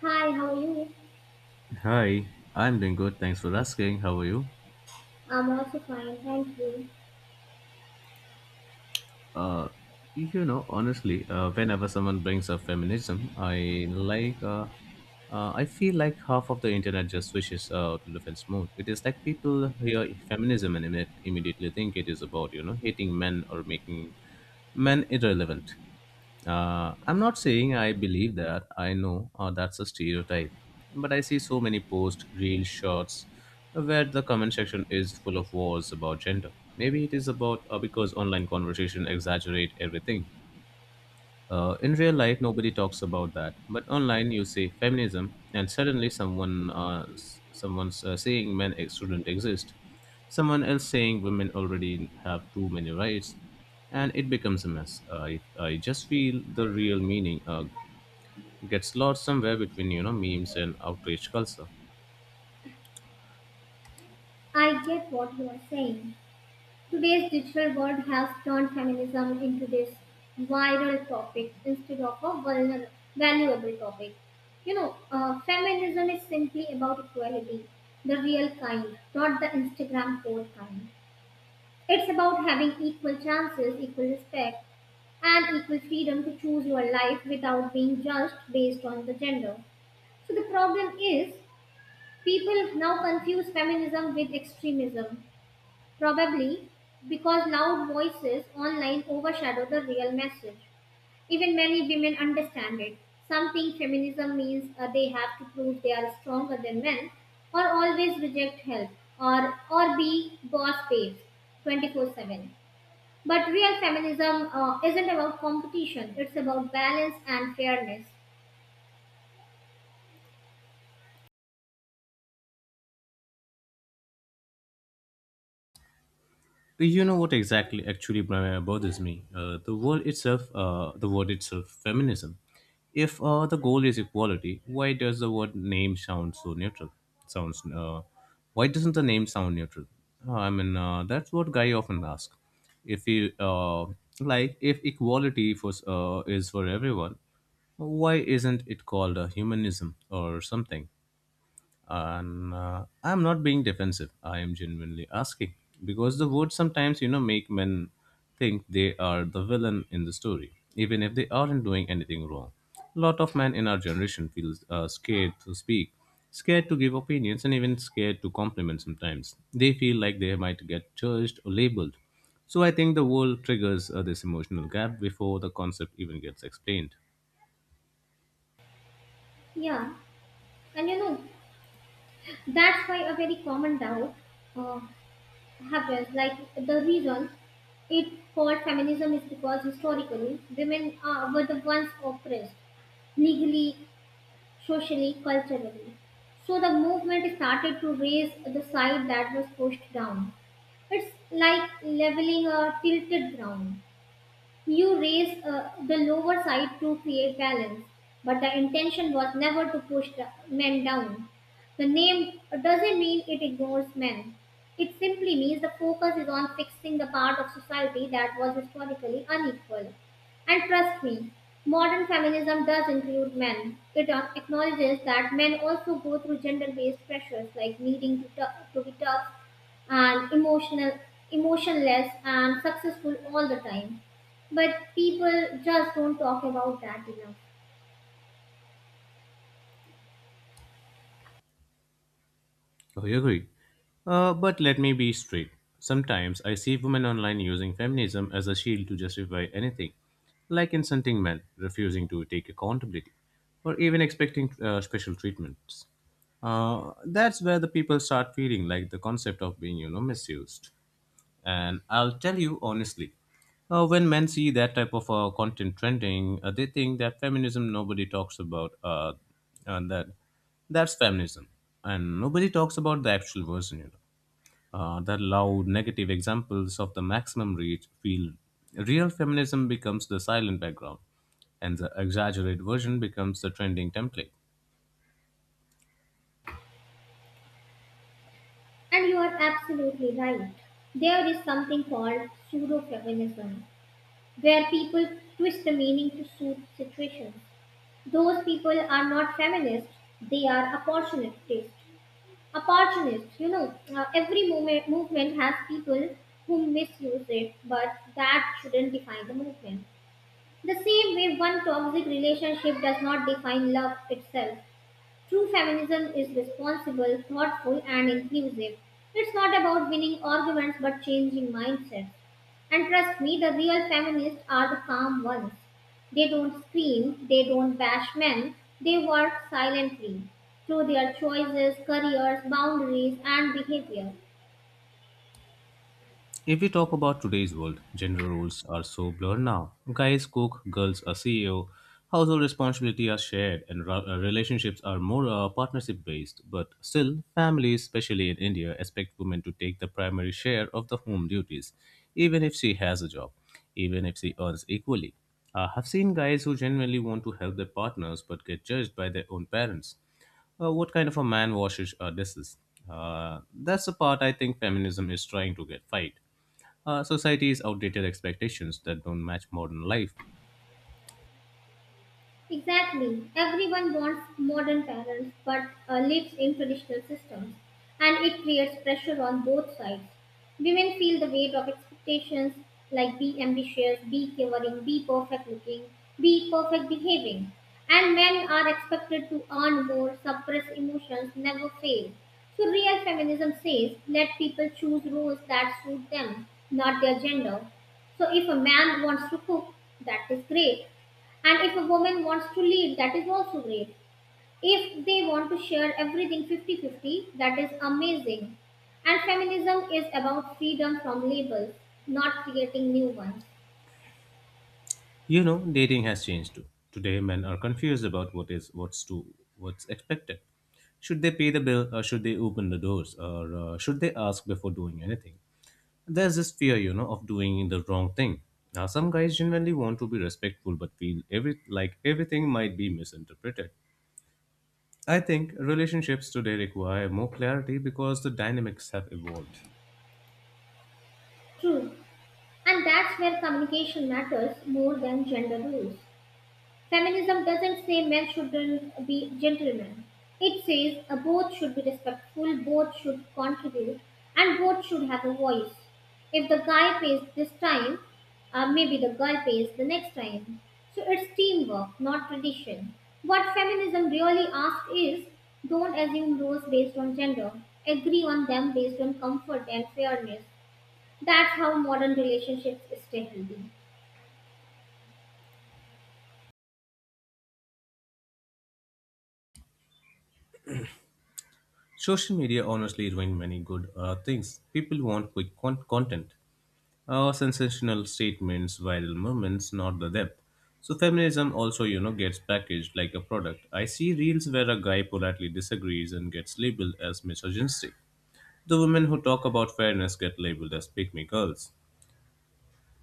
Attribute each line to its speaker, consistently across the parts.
Speaker 1: Hi, how are you?
Speaker 2: Hi, I'm doing good. Thanks for asking. How are you?
Speaker 1: I'm also fine, thank you.
Speaker 2: Uh, you know, honestly, whenever someone brings up feminism, I like, I feel like half of the internet just switches to defense mode. It is like people hear feminism and immediately think it is about, you know, hating men or making men irrelevant. I'm not saying I believe that. I know that's a stereotype. But I see so many posts, real shots, where the comment section is full of wars about gender. Maybe it is about because online conversation exaggerate everything. In real life, nobody talks about that. But online, you say feminism, and suddenly someone's saying men shouldn't exist. Someone else saying women already have too many rights, and it becomes a mess. I just feel the real meaning gets lost somewhere between memes and outrage culture.
Speaker 1: I get what you are saying. Today's digital world has turned feminism into this viral topic instead of a valuable topic. Feminism is simply about equality, the real kind, not the Instagram code kind. It's about having equal chances, equal respect, and equal freedom to choose your life without being judged based on the gender. So the problem is people now confuse feminism with extremism, probably because loud voices online overshadow the real message. Even many women understand it. Some think feminism means they have to prove they are stronger than men, or always reject help, or be boss babes, 24/7. But real feminism isn't about competition; it's about balance and fairness.
Speaker 2: You know what actually bothers me? The word itself, feminism. If the goal is equality, why does the word name sound so neutral? Sounds. Why doesn't the name sound neutral? I mean, that's what guy often ask. If if equality for is for everyone, why isn't it called a humanism or something? And I'm not being defensive, I am genuinely asking, because the words sometimes, you know, make men think they are the villain in the story, even if they aren't doing anything wrong. A lot of men in our generation feel scared to speak, scared to give opinions, and even scared to compliment. Sometimes they feel like they might get judged or labeled. So I think the world triggers this emotional gap before the concept even gets explained.
Speaker 1: Yeah, and you know that's why a very common doubt Uh, happens. Like the reason it called feminism is because historically women were the ones oppressed legally, socially, culturally. So the movement started to raise the side that was pushed down. It's like leveling a tilted ground. You raise the lower side to create balance, but the intention was never to push the men down. The name doesn't mean it ignores men. It simply means the focus is on fixing the part of society that was historically unequal. And trust me, modern feminism does include men. It acknowledges that men also go through gender based pressures like needing to, to be tough and emotional, emotionless and successful all the time. But people just don't talk about that enough.
Speaker 2: I agree. But let me be straight. Sometimes I see women online using feminism as a shield to justify anything, like insulting men, refusing to take accountability, or even expecting special treatments. That's where the people start feeling like the concept of being, you know, misused. And I'll tell you honestly, when men see that type of content trending, they think that feminism nobody talks about uh, that that's feminism, and nobody talks about the actual version. You know, the loud negative examples of the maximum reach feel real feminism becomes the silent background, and the exaggerated version becomes the trending template.
Speaker 1: And you are absolutely right. There is something called pseudo-feminism, where people twist the meaning to suit situations. Those people are not feminists, they are opportunists. Opportunists, every movement has people who misuse it, but that shouldn't define the movement. The same way one toxic relationship does not define love itself. True feminism is responsible, thoughtful, and inclusive. It's not about winning arguments but changing mindsets. And trust me, the real feminists are the calm ones. They don't scream, they don't bash men, they work silently through their choices, careers, boundaries, and behavior.
Speaker 2: If we talk about today's world, gender roles are so blurred now. Guys cook, girls are CEO, household responsibility are shared, and relationships are more partnership based. But still, families, especially in India, expect women to take the primary share of the home duties, even if she has a job, even if she earns equally. I have seen guys who genuinely want to help their partners but get judged by their own parents. What kind of a man washes dishes? That's the part I think feminism is trying to get fight society's outdated expectations that don't match modern life.
Speaker 1: Exactly. Everyone wants modern parents but lives in traditional systems, and it creates pressure on both sides. Women feel the weight of expectations like be ambitious, be caring, be perfect looking, be perfect behaving. And men are expected to earn more, suppress emotions, never fail. So, real feminism says let people choose roles that suit them, not their gender. So if a man wants to cook, that is great. And if a woman wants to lead, that is also great. If they want to share everything 50-50, that is amazing. And feminism is about freedom from labels, not creating new ones.
Speaker 2: You know, dating has changed too. Today, men are confused about what is what's to what's expected. Should they pay the bill, or should they open the doors, or should they ask before doing anything? There's this fear, you know, of doing the wrong thing. Now, some guys genuinely want to be respectful, but feel everything might be misinterpreted. I think relationships today require more clarity because the dynamics have evolved.
Speaker 1: True. And that's where communication matters more than gender rules. Feminism doesn't say men shouldn't be gentlemen. It says both should be respectful, both should contribute, and both should have a voice. If the guy pays this time, maybe the girl pays the next time. So it's teamwork, not tradition. What feminism really asks is don't assume roles based on gender, agree on them based on comfort and fairness. That's how modern relationships stay healthy.
Speaker 2: Social media honestly ruined many good things. People want quick content, sensational statements, viral moments, not the depth. So feminism also, you know, gets packaged like a product. I see reels where a guy politely disagrees and gets labeled as misogynistic. The women who talk about fairness get labeled as pick me girls.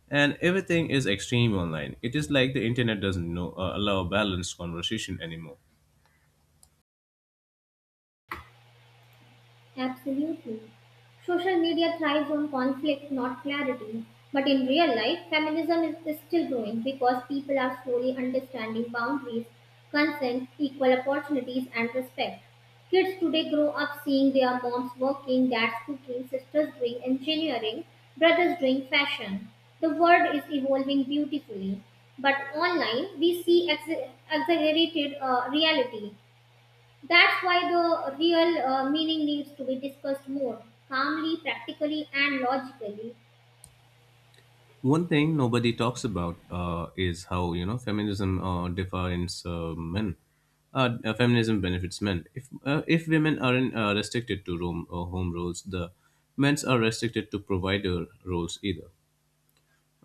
Speaker 2: And everything is extreme online. It is like the internet doesn't know, allow balanced conversation anymore.
Speaker 1: Absolutely. Social media thrives on conflict, not clarity. But in real life, feminism is still growing because people are slowly understanding boundaries, consent, equal opportunities, and respect. Kids today grow up seeing their moms working, dads cooking, sisters doing engineering, brothers doing fashion. The world is evolving beautifully. But online, we see exaggerated reality. That's why the real meaning needs to be discussed more calmly, practically, and logically.
Speaker 2: One thing nobody talks about is how, you know, feminism defines men. Feminism benefits men. If women aren't restricted to room home roles, the men's are restricted to provider roles either.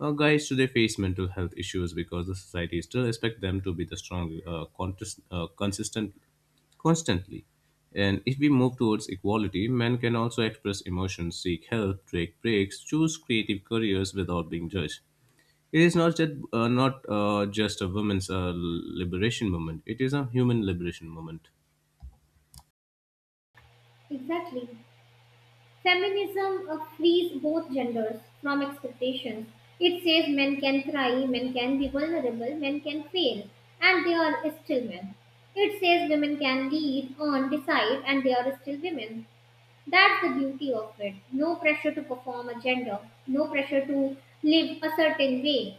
Speaker 2: Guys today face mental health issues because the society still expect them to be the strong, contest, consistent constantly. And if we move towards equality, men can also express emotions, seek help, take breaks, choose creative careers without being judged. It is not just a women's liberation movement. It is a human liberation movement.
Speaker 1: Exactly. Feminism frees both genders from expectations. It says men can cry, men can be vulnerable, men can fail, and they are still men. It says women can lead, earn, decide, and they are still women. That's the beauty of it. No pressure to perform a gender, no pressure to live a certain way,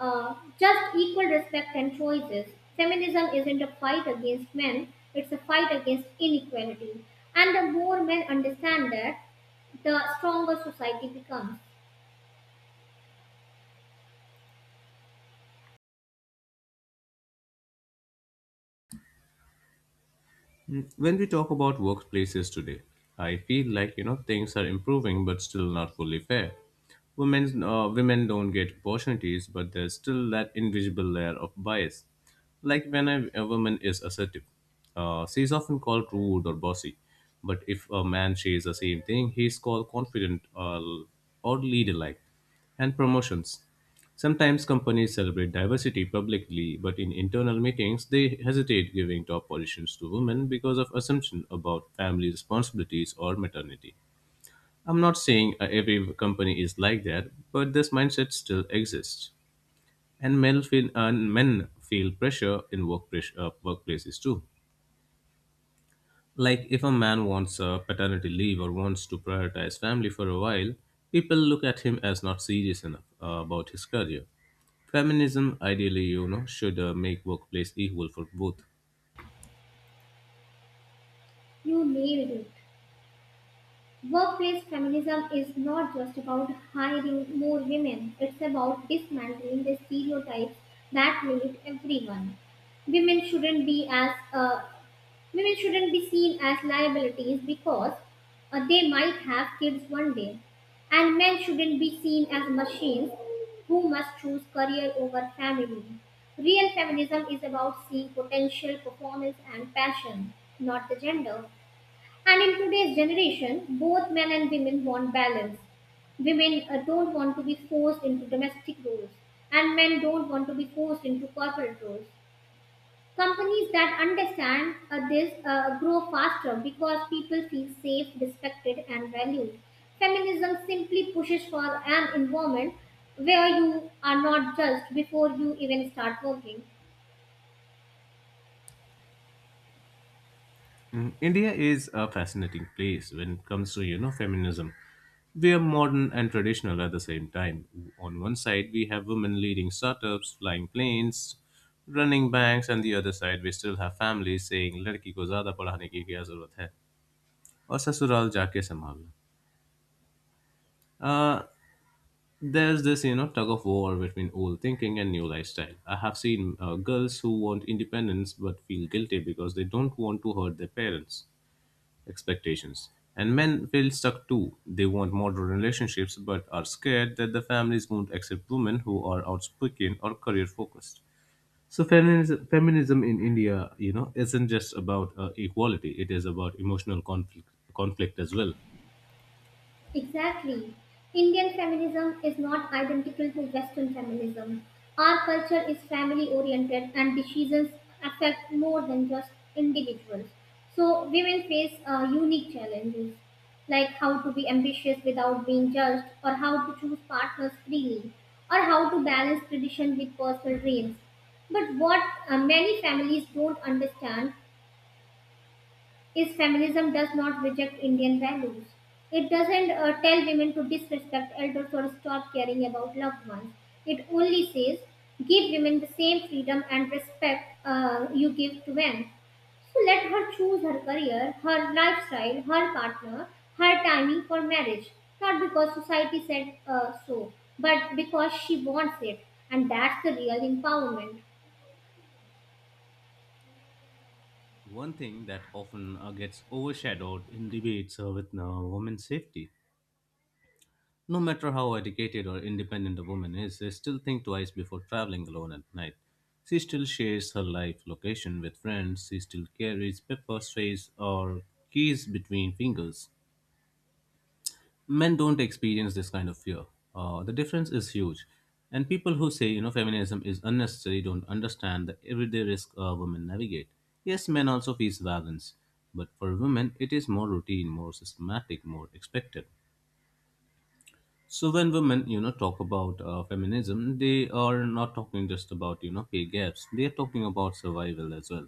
Speaker 1: just equal respect and choices. Feminism isn't a fight against men, it's a fight against inequality. And the more men understand that, the stronger society becomes.
Speaker 2: Mm, when we talk about workplaces today, I feel like, you know, things are improving, but still not fully fair. Women don't get opportunities, but there's still that invisible layer of bias. Like when a woman is assertive, she is often called rude or bossy. But if a man shares the same thing, he is called confident, or leader-like. And promotions. Sometimes companies celebrate diversity publicly, but in internal meetings, they hesitate giving top positions to women because of assumption about family responsibilities or maternity. I'm not saying every company is like that, but this mindset still exists, and men feel pressure in workplaces too. Like if a man wants a paternity leave or wants to prioritize family for a while, people look at him as not serious enough about his career. Feminism, ideally, you know, should make workplace equal for both.
Speaker 1: You nailed it. Workplace feminism is not just about hiring more women, it's about dismantling the stereotypes that limit everyone. women shouldn't be as uh, Women shouldn't be seen as liabilities because they might have kids one day. And men shouldn't be seen as machines who must choose career over family. Real feminism is about seeing potential, performance, and passion, not the gender. And in today's generation, both men and women want balance. Women don't want to be forced into domestic roles, and men don't want to be forced into corporate roles. Companies that understand this grow faster because people feel safe, respected, and valued. Feminism simply pushes for an environment where you are not judged before you even start working.
Speaker 2: Mm, India is a fascinating place when it comes to, you know, feminism. We are modern and traditional at the same time. On one side, we have women leading startups, flying planes, running banks, and the other side, we still have families saying "लड़की को ज़्यादा पढ़ाने की क्या ज़रूरत है और ससुराल जाके संभालना." Uh, there's this, you know, tug of war between old thinking and new lifestyle. I have seen girls who want independence but feel guilty because they don't want to hurt their parents expectations. And men feel stuck too. They want modern relationships but are scared that the families won't accept women who are outspoken or career focused. So feminism in India, you know, isn't just about equality. It is about emotional conflict as well.
Speaker 1: Exactly. Indian feminism is not identical to Western feminism. Our culture is family oriented and decisions affect more than just individuals. So, women face unique challenges like how to be ambitious without being judged, or how to choose partners freely, or how to balance tradition with personal dreams. But what many families don't understand is feminism does not reject Indian values. It doesn't tell women to disrespect elders or stop caring about loved ones. It only says give women the same freedom and respect you give to men. So let her choose her career, her lifestyle, her partner, her timing for marriage. Not because society said so, but because she wants it. And that's the real empowerment.
Speaker 2: One thing that often gets overshadowed in debates with women's safety. No matter how educated or independent a woman is, they still think twice before traveling alone at night. She still shares her life location with friends. She still carries paper, strays, or keys between fingers. Men don't experience this kind of fear. The difference is huge. And people who say, you know, feminism is unnecessary don't understand the everyday risk women navigate. Yes, men also face violence, but for women, it is more routine, more systematic, more expected. So when women, you know, talk about feminism, they are not talking just about, you know, pay gaps. They are talking about survival as well.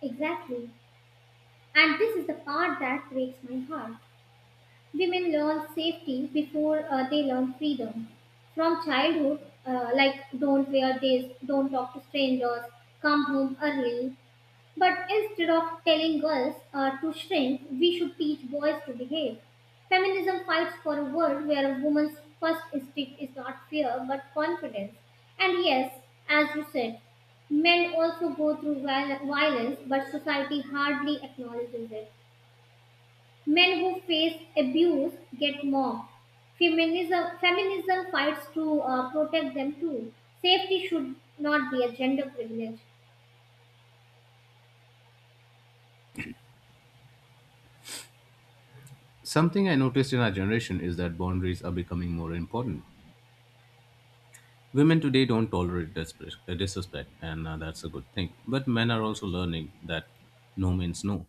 Speaker 1: Exactly. And this is the part that breaks my heart. Women learn safety before they learn freedom. From childhood, like don't wear this, don't talk to strangers, come home early. But instead of telling girls to shrink, we should teach boys to behave. Feminism fights for a world where a woman's first instinct is not fear but confidence. And yes, as you said, men also go through violence, but society hardly acknowledges it. Men who face abuse get mobbed. Feminism fights to protect them too. Safety should not be a gender privilege.
Speaker 2: Something I noticed in our generation is that boundaries are becoming more important. Women today don't tolerate disrespect, and that's a good thing. But men are also learning that no means no.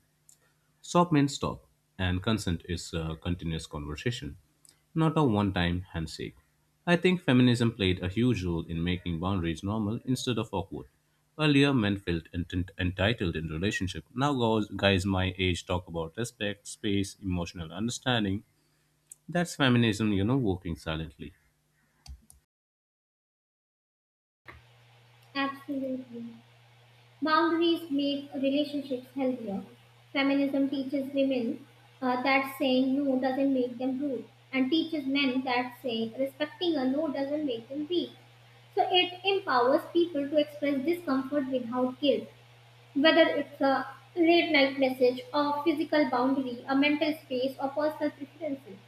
Speaker 2: Stop means stop, and consent is a continuous conversation, not a one time handshake. I think feminism played a huge role in making boundaries normal instead of awkward. Earlier, men felt entitled in relationship. Now, guys my age talk about respect, space, emotional understanding. That's feminism, you know, working silently.
Speaker 1: Absolutely. Boundaries make relationships healthier. Feminism teaches women that saying no doesn't make them rude, and teaches men that saying respecting a no doesn't make them weak. So it empowers people to express discomfort without guilt. Whether it's a late night message, a physical boundary, a mental space, or personal preferences,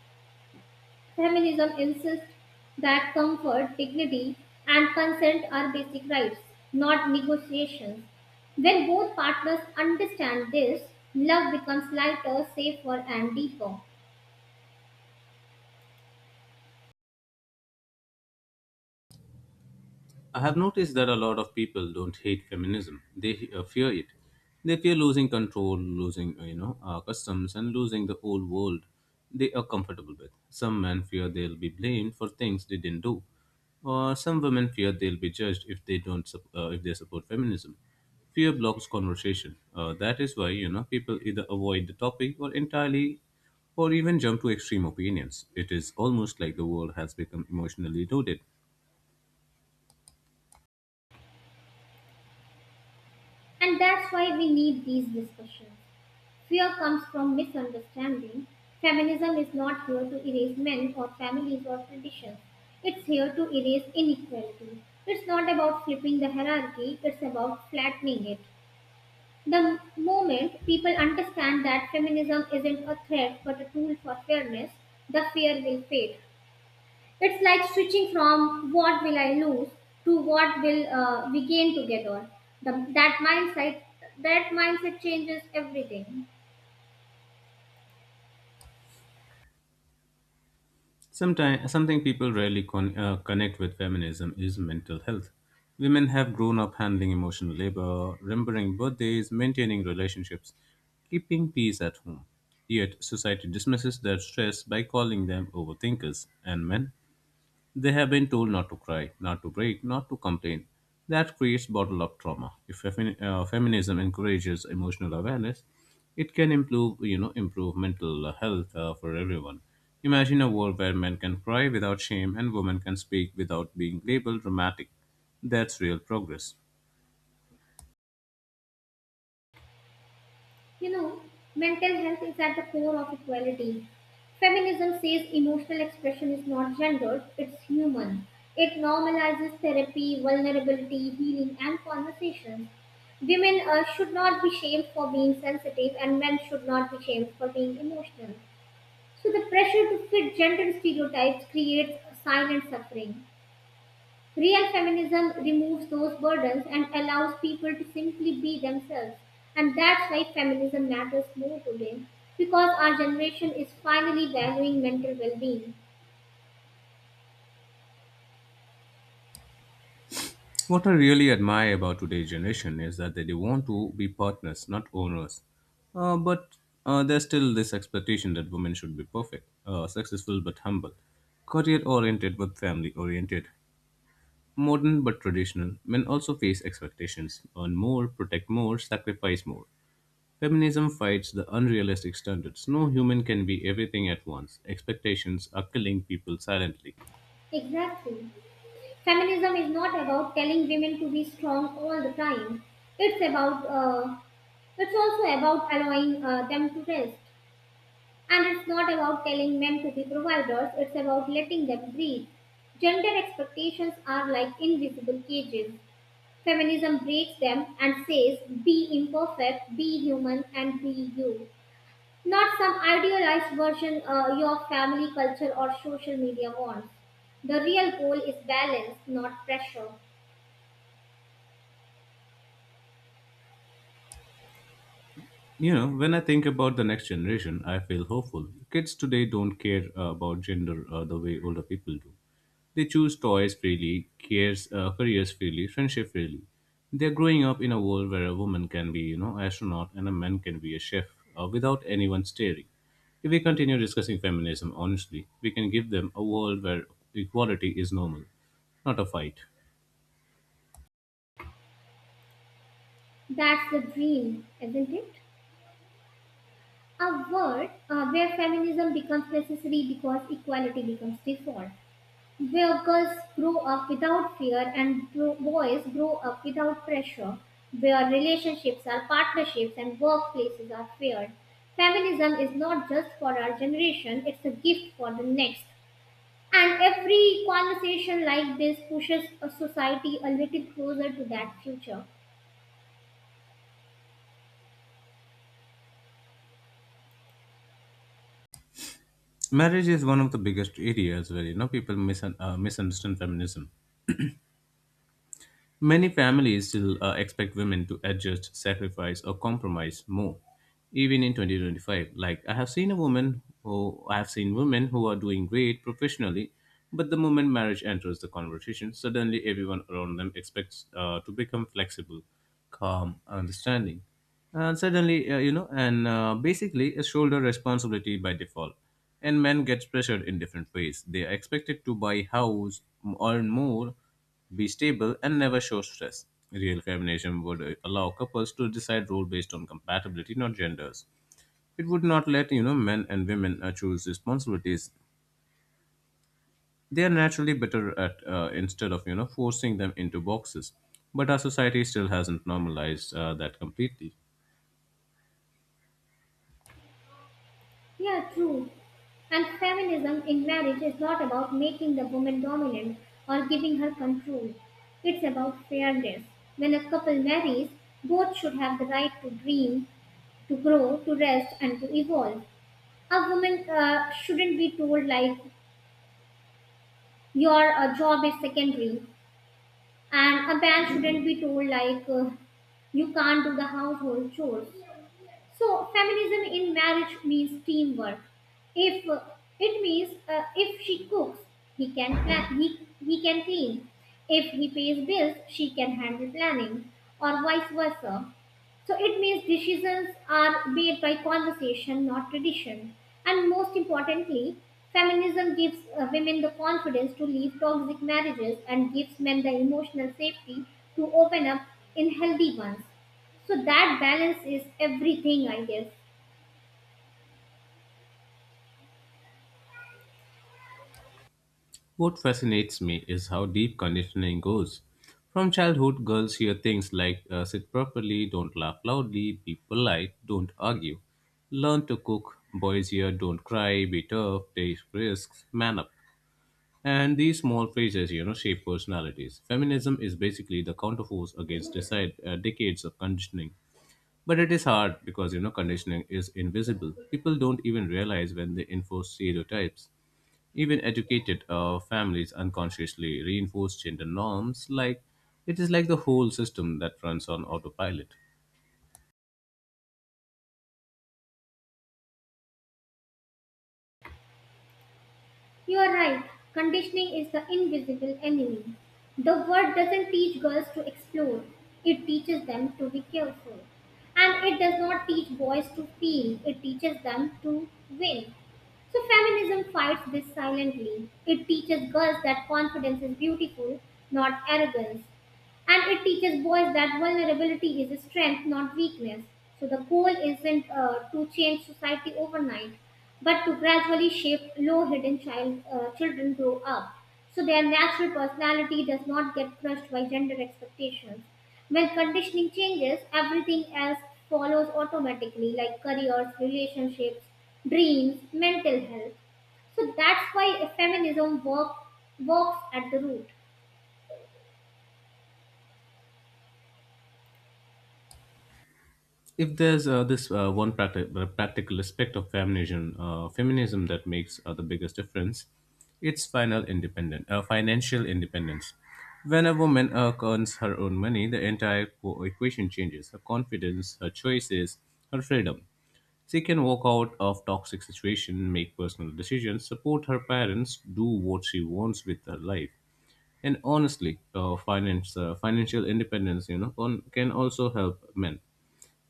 Speaker 1: feminism insists that comfort, dignity, and consent are basic rights, not negotiations. When both partners understand this, love becomes lighter, safer, and deeper.
Speaker 2: I have noticed that a lot of people don't hate feminism. They fear it. They fear losing control, losing customs, and losing the old world they are comfortable with. Some men fear they'll be blamed for things they didn't do, or some women fear they'll be judged if they don't sup- if they support feminism. Fear blocks conversation. That is why, you know, people either avoid the topic or entirely, or even jump to extreme opinions. It is almost like the world has become emotionally loaded.
Speaker 1: And that's why we need these discussions. Fear comes from misunderstanding. Feminism is not here to erase men or families or traditions. It's here to erase inequality. It's not about flipping the hierarchy, it's about flattening it. The moment people understand that feminism isn't a threat but a tool for fairness, the fear will fade. It's like switching from what will I lose to what will we gain together. The, that mindset changes everything.
Speaker 2: Sometimes, something people rarely connect with feminism is mental health. Women have grown up handling emotional labor, remembering birthdays, maintaining relationships, keeping peace at home. Yet, society dismisses their stress by calling them overthinkers. And men? They have been told not to cry, not to break, not to complain. That creates bottled up trauma. If feminism encourages emotional awareness, it can improve mental health for everyone. Imagine a world where men can cry without shame and women can speak without being labeled dramatic. That's real progress.
Speaker 1: You know, mental health is at the core of equality. Feminism says emotional expression is not gendered, it's human. It normalizes therapy, vulnerability, healing, and conversation. Women should not be shamed for being sensitive, and men should not be shamed for being emotional. So, the pressure to fit gender stereotypes creates silent suffering. Real feminism removes those burdens and allows people to simply be themselves. And that's why feminism matters more today, because our generation is finally valuing mental well being.
Speaker 2: What I really admire about today's generation is that they want to be partners, not owners. But There's still this expectation that women should be perfect, successful but humble, career oriented but family oriented, modern but traditional. Men also face expectations: earn more, protect more, sacrifice more. Feminism fights the unrealistic standards. No human can be everything at once. Expectations are killing people silently.
Speaker 1: Exactly. Feminism is not about telling women to be strong all the time. It's about it's also about allowing them to rest. And it's not about telling men to be providers, it's about letting them breathe. Gender expectations are like invisible cages. Feminism breaks them and says, be imperfect, be human, and be you. Not some idealized version your family culture or social media wants. The real goal is balance, not pressure.
Speaker 2: You know, when I think about the next generation, I feel hopeful. Kids today don't care about gender the way older people do. They choose toys freely, cares, careers freely, friendship freely. They're growing up in a world where a woman can be, you know, astronaut and a man can be a chef without anyone staring. If we continue discussing feminism honestly, we can give them a world where equality is normal, not a fight.
Speaker 1: That's the dream, isn't it? A world where feminism becomes necessary because equality becomes default. Where girls grow up without fear and boys grow up without pressure, where relationships are partnerships and workplaces are fair. Feminism is not just for our generation, it's a gift for the next. And every conversation like this pushes a society a little closer to that future.
Speaker 2: Marriage is one of the biggest areas where you know people misunderstand feminism. Many families still expect women to adjust, sacrifice, or compromise more, even in 2025. Like I have seen a woman who I have seen women who are doing great professionally, but the moment marriage enters the conversation, suddenly everyone around them expects to become flexible, calm, understanding, and suddenly you know, and basically a shoulder responsibility by default. And men get pressured in different ways. They are expected to buy house, earn more, be stable and never show stress. Real combination would allow couples to decide role based on compatibility, not genders. It would not let you know men and women choose responsibilities. They are naturally better at instead of you know forcing them into boxes. But our society still hasn't normalized that completely.
Speaker 1: Yeah, true. And feminism in marriage is not about making the woman dominant or giving her control. It's about fairness. When a couple marries, both should have the right to dream, to grow, to rest, and to evolve. A woman shouldn't be told like your job is secondary, and a man shouldn't be told like you can't do the household chores. So feminism in marriage means teamwork. If it means If she cooks, he can plan. He can clean. If he pays bills, she can handle planning, or vice versa. So it means decisions are made by conversation, not tradition. And most importantly, feminism gives women the confidence to leave toxic marriages and gives men the emotional safety to open up in healthy ones. So that balance is everything, I guess.
Speaker 2: What fascinates me is how deep conditioning goes. From childhood, girls hear things like sit properly, don't laugh loudly, be polite, don't argue, learn to cook. Boys hear don't cry, be tough, take risks, man up. And these small phrases, you know, shape personalities. Feminism is basically the counterforce against decades of conditioning. But it is hard because, you know, conditioning is invisible. People don't even realize when they enforce stereotypes. Even educated families unconsciously reinforce gender norms. Like it is like the whole system that runs on autopilot.
Speaker 1: You are right. Conditioning is the invisible enemy. The world doesn't teach girls to explore, it teaches them to be careful. And it does not teach boys to feel, it teaches them to win. So, feminism fights this silently. It teaches girls that confidence is beautiful, not arrogance. And it teaches boys that vulnerability is a strength, not weakness. So, the goal isn't to change society overnight, but to gradually shape low hidden children grow up so their natural personality does not get crushed by gender expectations. When conditioning changes, everything else follows automatically, like careers, relationships, dreams, mental health. So that's why feminism work, works at the root.
Speaker 2: If there's this one practical aspect of feminism, feminism that makes the biggest difference, it's financial independence. When a woman earns her own money, the entire equation changes: her confidence, her choices, her freedom. She can walk out of toxic situation, make personal decisions, support her parents, do what she wants with her life. And honestly, financial independence, you know, can also help men.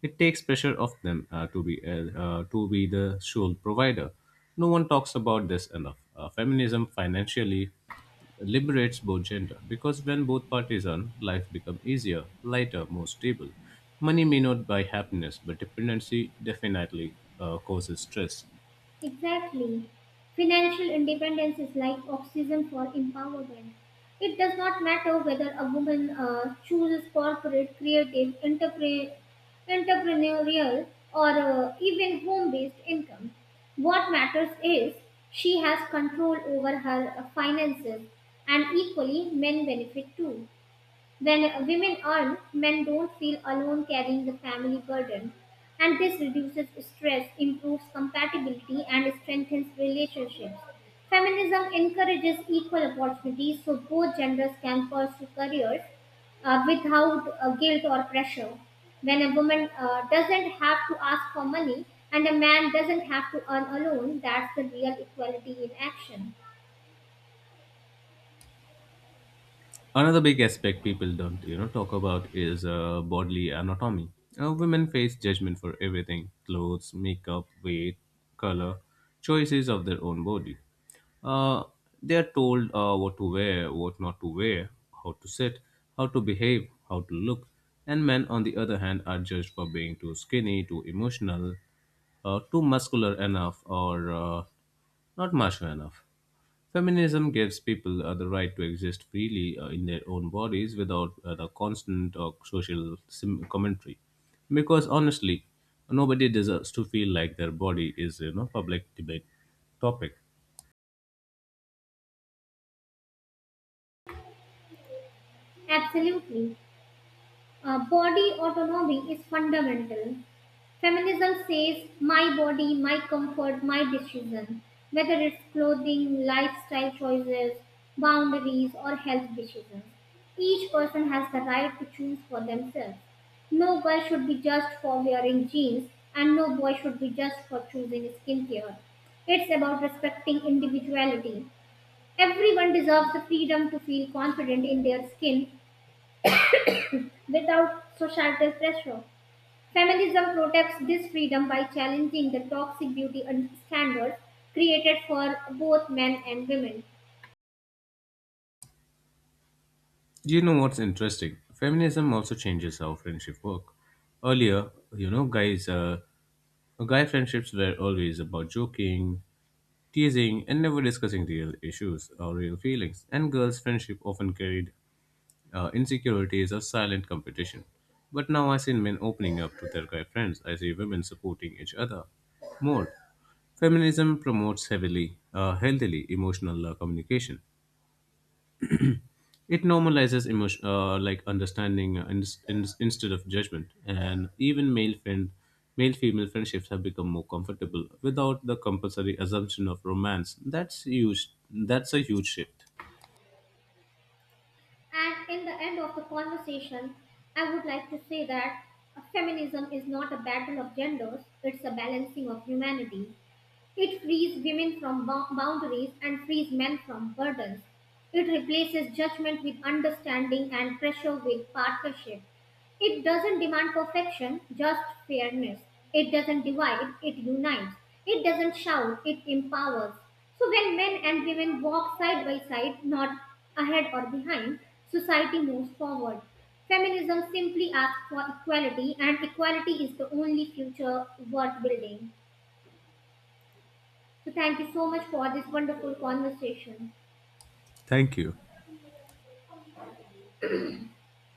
Speaker 2: It takes pressure off them to be the sole provider. No one talks about this enough. Feminism financially liberates both gender because when both parties earn, life becomes easier, lighter, more stable. Money may not buy happiness, but dependency definitely causes stress.
Speaker 1: Exactly. Financial independence is like oxygen for empowerment. It does not matter whether a woman chooses corporate, creative, entrepreneurial, or even home based income. What matters is she has control over her finances, and equally, men benefit too. When women earn, men don't feel alone carrying the family burden. And this reduces stress, improves compatibility, and strengthens relationships. Feminism encourages equal opportunities so both genders can pursue careers without guilt or pressure. When a woman doesn't have to ask for money and a man doesn't have to earn alone, that's the real equality in action.
Speaker 2: Another big aspect people don't, you know, talk about is bodily anatomy. Women face judgment for everything: clothes, makeup, weight, color, choices of their own body. Uh, they are told what to wear, what not to wear, how to sit, how to behave, how to look. And men, on the other hand, are judged for being too skinny, too emotional, too muscular enough, or not macho enough. Feminism gives people the right to exist freely in their own bodies without the constant social commentary. Because honestly, nobody deserves to feel like their body is you know public debate topic.
Speaker 1: Absolutely. Body autonomy is fundamental. Feminism says, my body, my comfort, my decision, whether it's clothing, lifestyle choices, boundaries, or health decisions. Each person has the right to choose for themselves. No girl should be judged for wearing jeans, and no boy should be judged for choosing skincare. It's about respecting individuality. Everyone deserves the freedom to feel confident in their skin without societal pressure. Feminism protects this freedom by challenging the toxic beauty and standards created for both men and women.
Speaker 2: Do you know what's interesting? Feminism also changes how friendship work. Earlier, you know, guy friendships were always about joking, teasing, and never discussing real issues or real feelings. And girls' friendship often carried insecurity is a silent competition. But now I see men opening up to their guy friends. I see women supporting each other more. Feminism promotes heavily, healthily emotional communication. It normalizes emotion, like understanding instead of judgment. And even male female friendships have become more comfortable without the compulsory assumption of romance. That's huge. That's a huge shift.
Speaker 1: And in the end of the conversation, I would like to say that feminism is not a battle of genders, it's a balancing of humanity. It frees women from boundaries and frees men from burdens. It replaces judgment with understanding and pressure with partnership. It doesn't demand perfection, just fairness. It doesn't divide, it unites. It doesn't shout, it empowers. So when men and women walk side by side, not ahead or behind, society moves forward. Feminism simply asks for equality, and equality is the only future worth building. So thank you so much for this wonderful conversation.
Speaker 2: Thank you.